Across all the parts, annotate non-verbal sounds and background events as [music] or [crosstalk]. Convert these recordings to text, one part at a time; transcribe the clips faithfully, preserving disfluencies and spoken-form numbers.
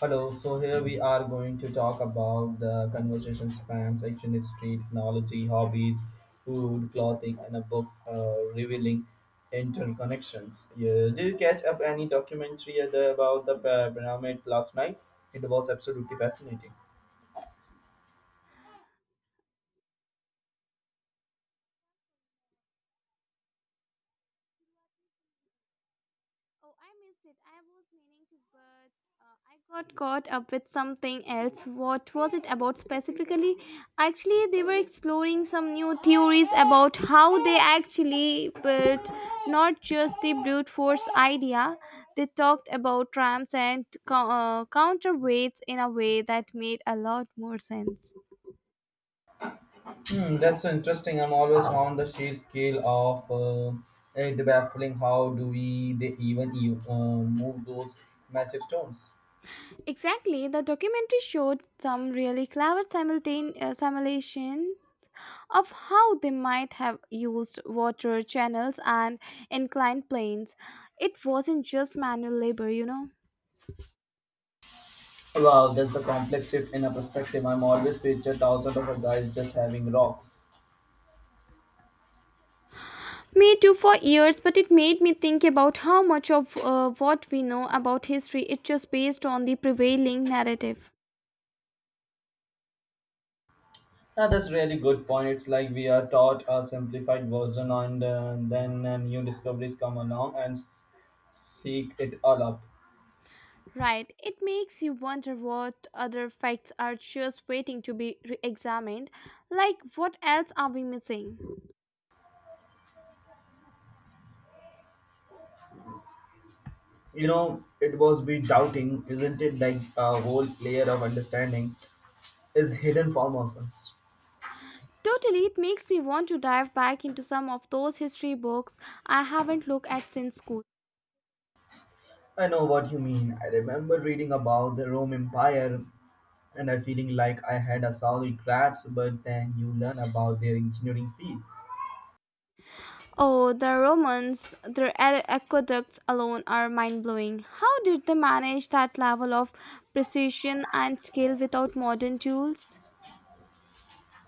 Hello, so here we are going to talk about the conversation spam, section history, technology, hobbies, food, clothing, and uh, books uh, revealing interconnections. Yeah. Did you catch up any documentary other about the uh, pyramid last night? It was absolutely fascinating. Oh, I missed it. I was meaning to, but uh, I got caught up with something else. What was it about specifically? Actually, they were exploring some new theories about how they actually built, not just the brute force idea. They talked about ramps and co- uh, counterweights in a way that made a lot more sense. Hmm, that's so interesting. I'm always on the sheer scale of uh, it baffling. How do we they even e- uh, move those massive stones? Exactly, the documentary showed some really clever simultane- uh, simulation of how they might have used water channels and inclined planes. It wasn't just manual labor, you know. Wow, that's the complex shift in a perspective. I'm always pictured thousands of guys just having rocks. Me too for years, but it made me think about how much of uh, what we know about history is just based on the prevailing narrative. Yeah, that's really good point. It's like we are taught a simplified version, and uh, then uh, new discoveries come along and s- seek it all up. Right, it makes you wonder what other facts are just waiting to be re examined. Like, what else are we missing? You know, it was be doubting, isn't it? Like a whole layer of understanding is hidden from us. Totally, it makes me want to dive back into some of those history books I haven't looked at since school. I know what you mean. I remember reading about the Rome Empire and I feeling like I had a solid grasp, but then you learn about their engineering feats. Oh, the Romans, their a- aqueducts alone are mind blowing. How did they manage that level of precision and skill without modern tools?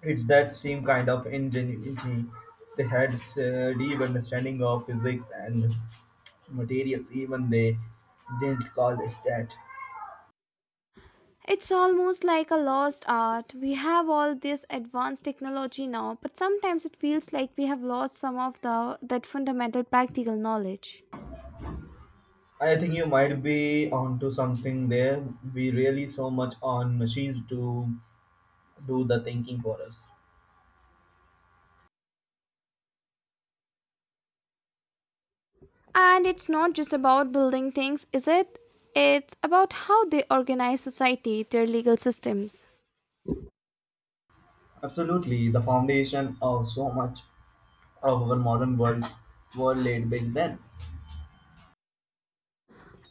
It's that same kind of ingenuity. They had a deep understanding of physics and materials, even they didn't call it that. It's almost like a lost art. We have all this advanced technology now, but sometimes it feels like we have lost some of the, that fundamental practical knowledge. I think you might be onto something there. We really so much on machines to do the thinking for us. And it's not just about building things, is it? It's about how they organize society, their legal systems. Absolutely, the foundation of so much of our modern worlds were laid back then.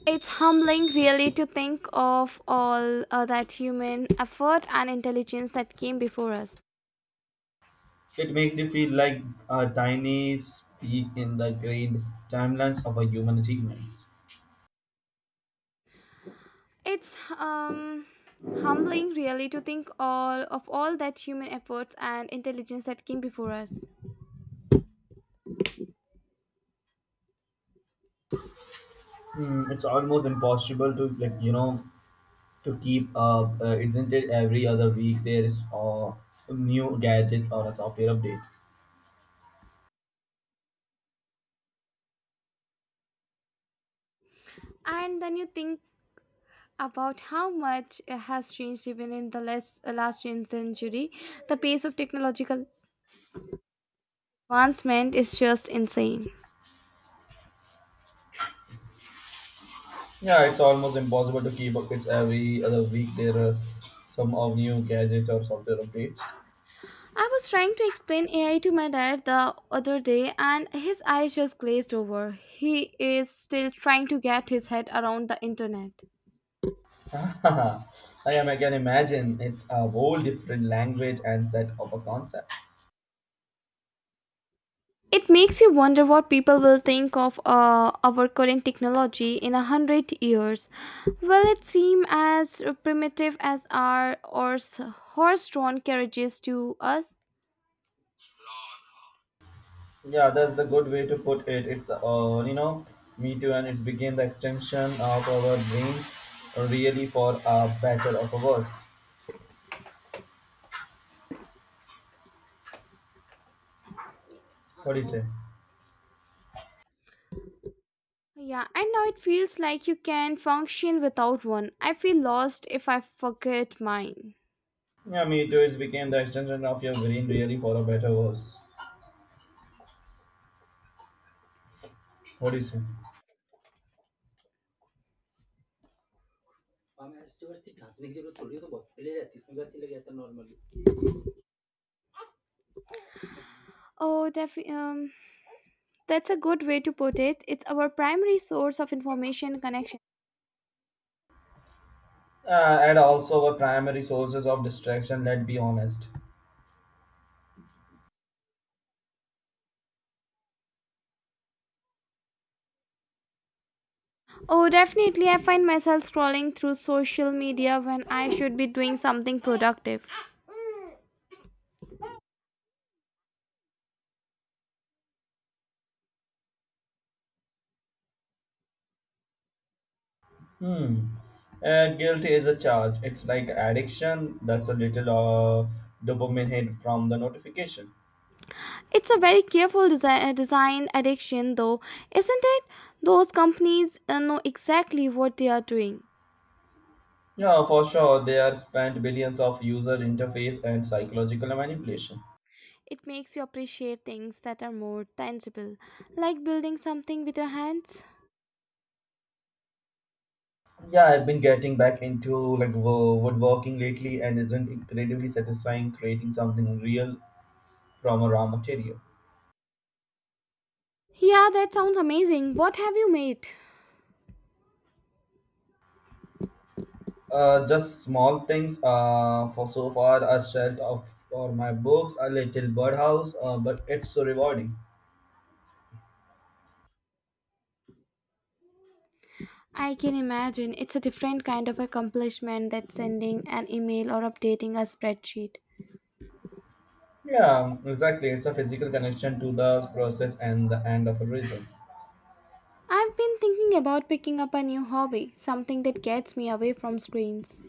It's humbling, really, to think of all uh, that human effort and intelligence that came before us. It makes you feel like a tiny speck in the grand timelines of our human achievements. It's um, humbling, really, to think all of all that human efforts and intelligence that came before us. Mm, it's almost impossible to like you know to keep up, uh, isn't it? Every other week there is uh, new gadgets or a software update. And then you think about how much uh, has changed even in the last, uh, last century. The pace of technological advancement is just insane. Yeah, it's almost impossible to keep up. It's every other week there are some of new gadgets or software updates. I was trying to explain A I to my dad the other day and his eyes just glazed over. He is still trying to get his head around the internet. [laughs] I am. I can imagine it's a whole different language and set of a concepts. It makes you wonder what people will think of uh, our current technology in a hundred years. Will it seem as primitive as our or horse drawn carriages to us? Yeah, that's the good way to put it. It's uh, you know, me too, and it's became the extension of our dreams, really for a better or for worse. What do you say? Yeah, and now it feels like you can function without one. I feel lost if I forget mine. Yeah, me too. It's became the extension of your brain, really for a better or worse. What do you say? Oh, def- um, that's a good way to put it. It's our primary source of information connection. Uh, and also our primary sources of distraction. Let's be honest. Oh, definitely. I find myself scrolling through social media when I should be doing something productive. Hmm. Uh, guilt is a charge. It's like addiction. That's a little uh, dopamine hit from the notification. It's a very careful desi- uh, design addiction, though, isn't it? Those companies uh, know exactly what they are doing. Yeah, for sure. They are spent billions of user interface and psychological manipulation. It makes you appreciate things that are more tangible, like building something with your hands. Yeah, I've been getting back into like wo- woodworking lately, and isn't incredibly satisfying creating something real from a raw material. Yeah, that sounds amazing. What have you made? Uh, just small things. Uh, for so far, a shelf of for my books, a little birdhouse. Uh, but it's so rewarding. I can imagine it's a different kind of accomplishment than sending an email or updating a spreadsheet. Yeah, exactly. It's a physical connection to the process and the end of a result. I've been thinking about picking up a new hobby, something that gets me away from screens.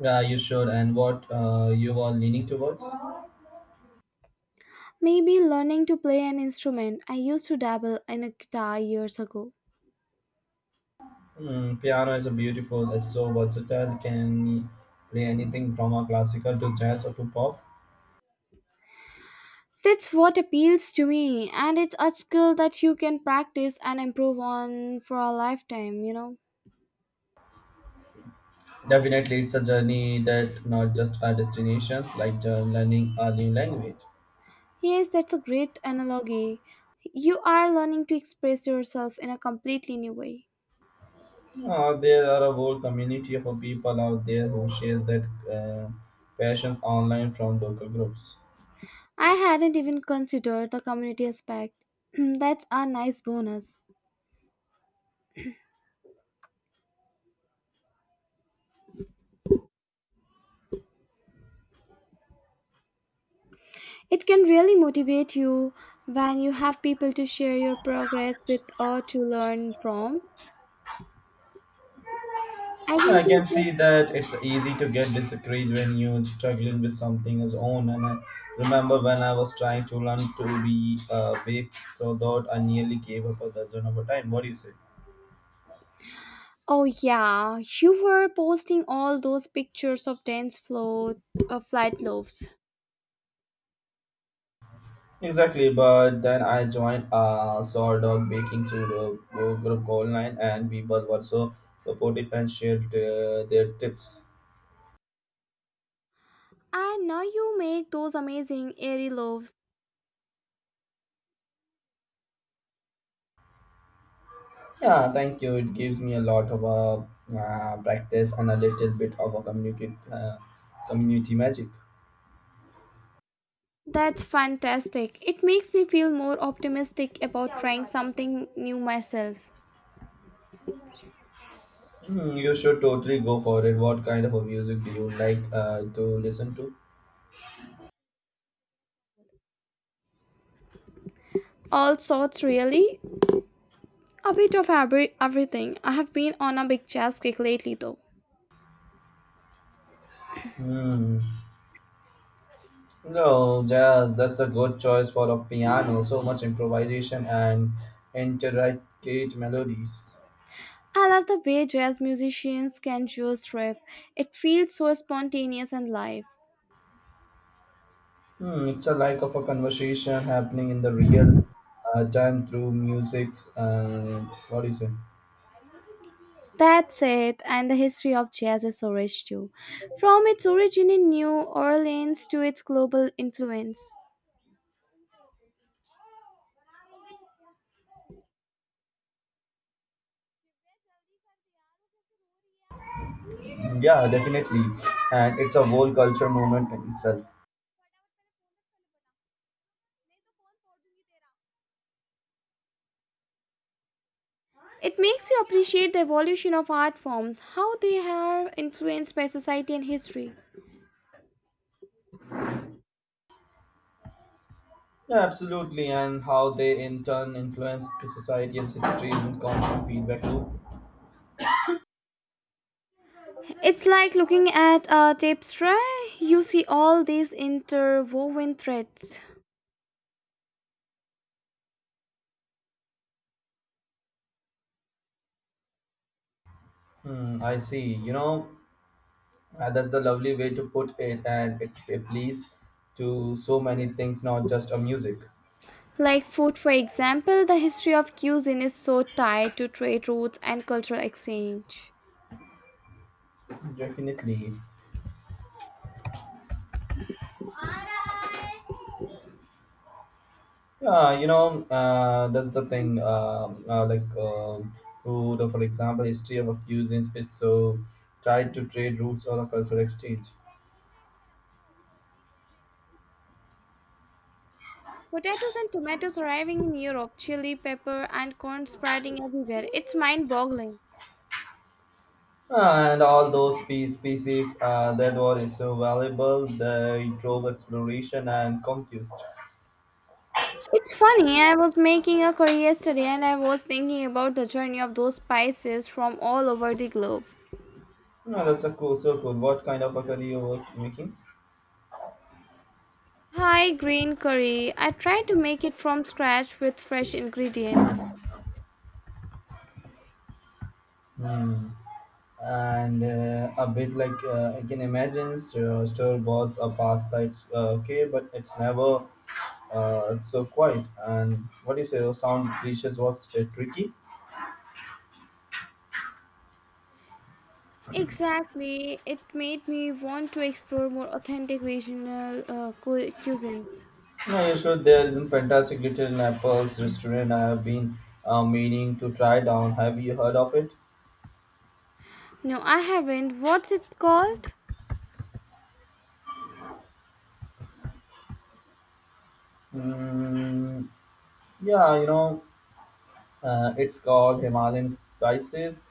Yeah, you should. And what uh, you are leaning towards? Maybe learning to play an instrument. I used to dabble in a guitar years ago. Mm, piano is a beautiful, it's so versatile, can play anything from a classical to jazz or to pop. That's what appeals to me, and it's a skill that you can practice and improve on for a lifetime, you know. Definitely, it's a journey that not just a destination, like uh, learning a new language. Yes, that's a great analogy. You are learning to express yourself in a completely new way. Uh, there are a whole community of people out there who shares that uh, passions online from local groups. I hadn't even considered the community aspect. [clears throat] That's a nice bonus. It can really motivate you when you have people to share your progress with or to learn from. I can I see can that. see that it's easy to get discouraged when you're struggling with something as own. And I remember when I was trying to learn to be a bake, so that I nearly gave up a dozen of a time. What do you say? Oh, yeah, you were posting all those pictures of dense float, uh, flight loaves. Exactly, but then I joined a sort of baking studio group group called Nine, and people were so supportive and shared uh, their tips. And now you make those amazing airy loaves. Yeah, thank you. It gives me a lot of uh, uh, practice and a little bit of a communicate, uh, community magic. That's fantastic. It makes me feel more optimistic about trying something new myself. Hmm, you should totally go for it. What kind of a music do you like uh, to listen to? All sorts, really. A bit of every, everything. I have been on a big jazz kick lately, though. Hmm. No, jazz. That's a good choice for a piano. So much improvisation and intricate melodies. I love the way jazz musicians can just riff. It feels so spontaneous and live. Hmm, it's a like of a conversation happening in the real uh, time through music's. Uh, what do you say? That's it, and the history of jazz is so rich too. From its origin in New Orleans to its global influence. Yeah, definitely. And it's a whole culture movement in itself. It makes you appreciate the evolution of art forms, how they are influenced by society and history. Yeah, absolutely. And how they in turn influence the society and history is in constant feedback loop. It's like looking at a tapestry, you see all these interwoven threads. Hmm, I see. You know, uh, that's the lovely way to put it, and it, it leads to so many things, not just a music. Like food, for example, the history of cuisine is so tied to trade routes and cultural exchange. Definitely. Yeah, you know, uh, that's the thing. Um uh, like, um food, or for example, history of cuisines is so tied to trade routes or a cultural exchange. Potatoes and tomatoes arriving in Europe, chili, pepper, and corn spreading everywhere. It's mind boggling. Ah, and all those spe- species uh, that were so valuable, they drove exploration and conquest. It's funny, I was making a curry yesterday and I was thinking about the journey of those spices from all over the globe. No, that's a cool, so cool. What kind of a career you were making? Hi, green curry. I tried to make it from scratch with fresh ingredients. Hmm. and uh, a bit like uh, I can imagine so store bought a pasta. It's uh, okay, but it's never uh, so quiet. And what do you say? The sound dishes was uh, tricky. Exactly. It made me want to explore more authentic regional uh, cu- cuisines. No, you sure there is a fantastic little Naples restaurant I have been uh, meaning to try down. Have you heard of it? No, I haven't. What's it called? Mm, yeah, you know, uh, it's called Himalayan Spices,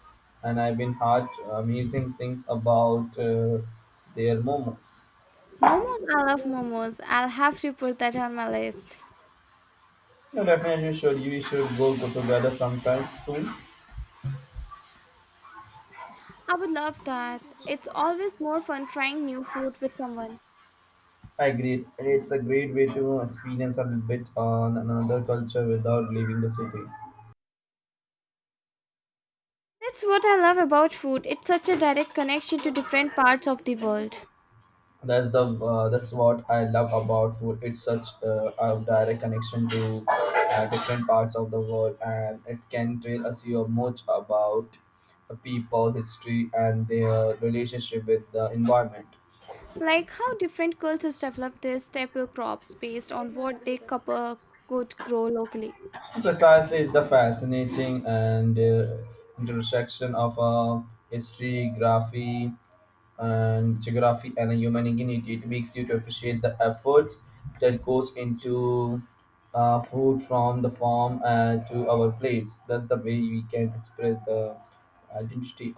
and I've been heard amazing things about uh, their momos. Momos. I love momos. I'll have to put that on my list. No, definitely should. We should go, go together sometime soon. I would love that. It's always more fun trying new food with someone. I agree. It's a great way to experience a little bit on another culture without leaving the city. That's what I love about food. It's such a direct connection to different parts of the world. That's the uh, that's what I love about food. It's such uh, a direct connection to uh, different parts of the world, and it can tell us you much about the people, history, and their relationship with the environment. Like how different cultures develop their staple crops based on what they cou- uh, could grow locally. Precisely, is the fascinating and uh, intersection of uh, history, graphy, and geography, and human ingenuity. It makes you to appreciate the efforts that goes into uh, food from the farm uh, to our plates. That's the way we can express the identity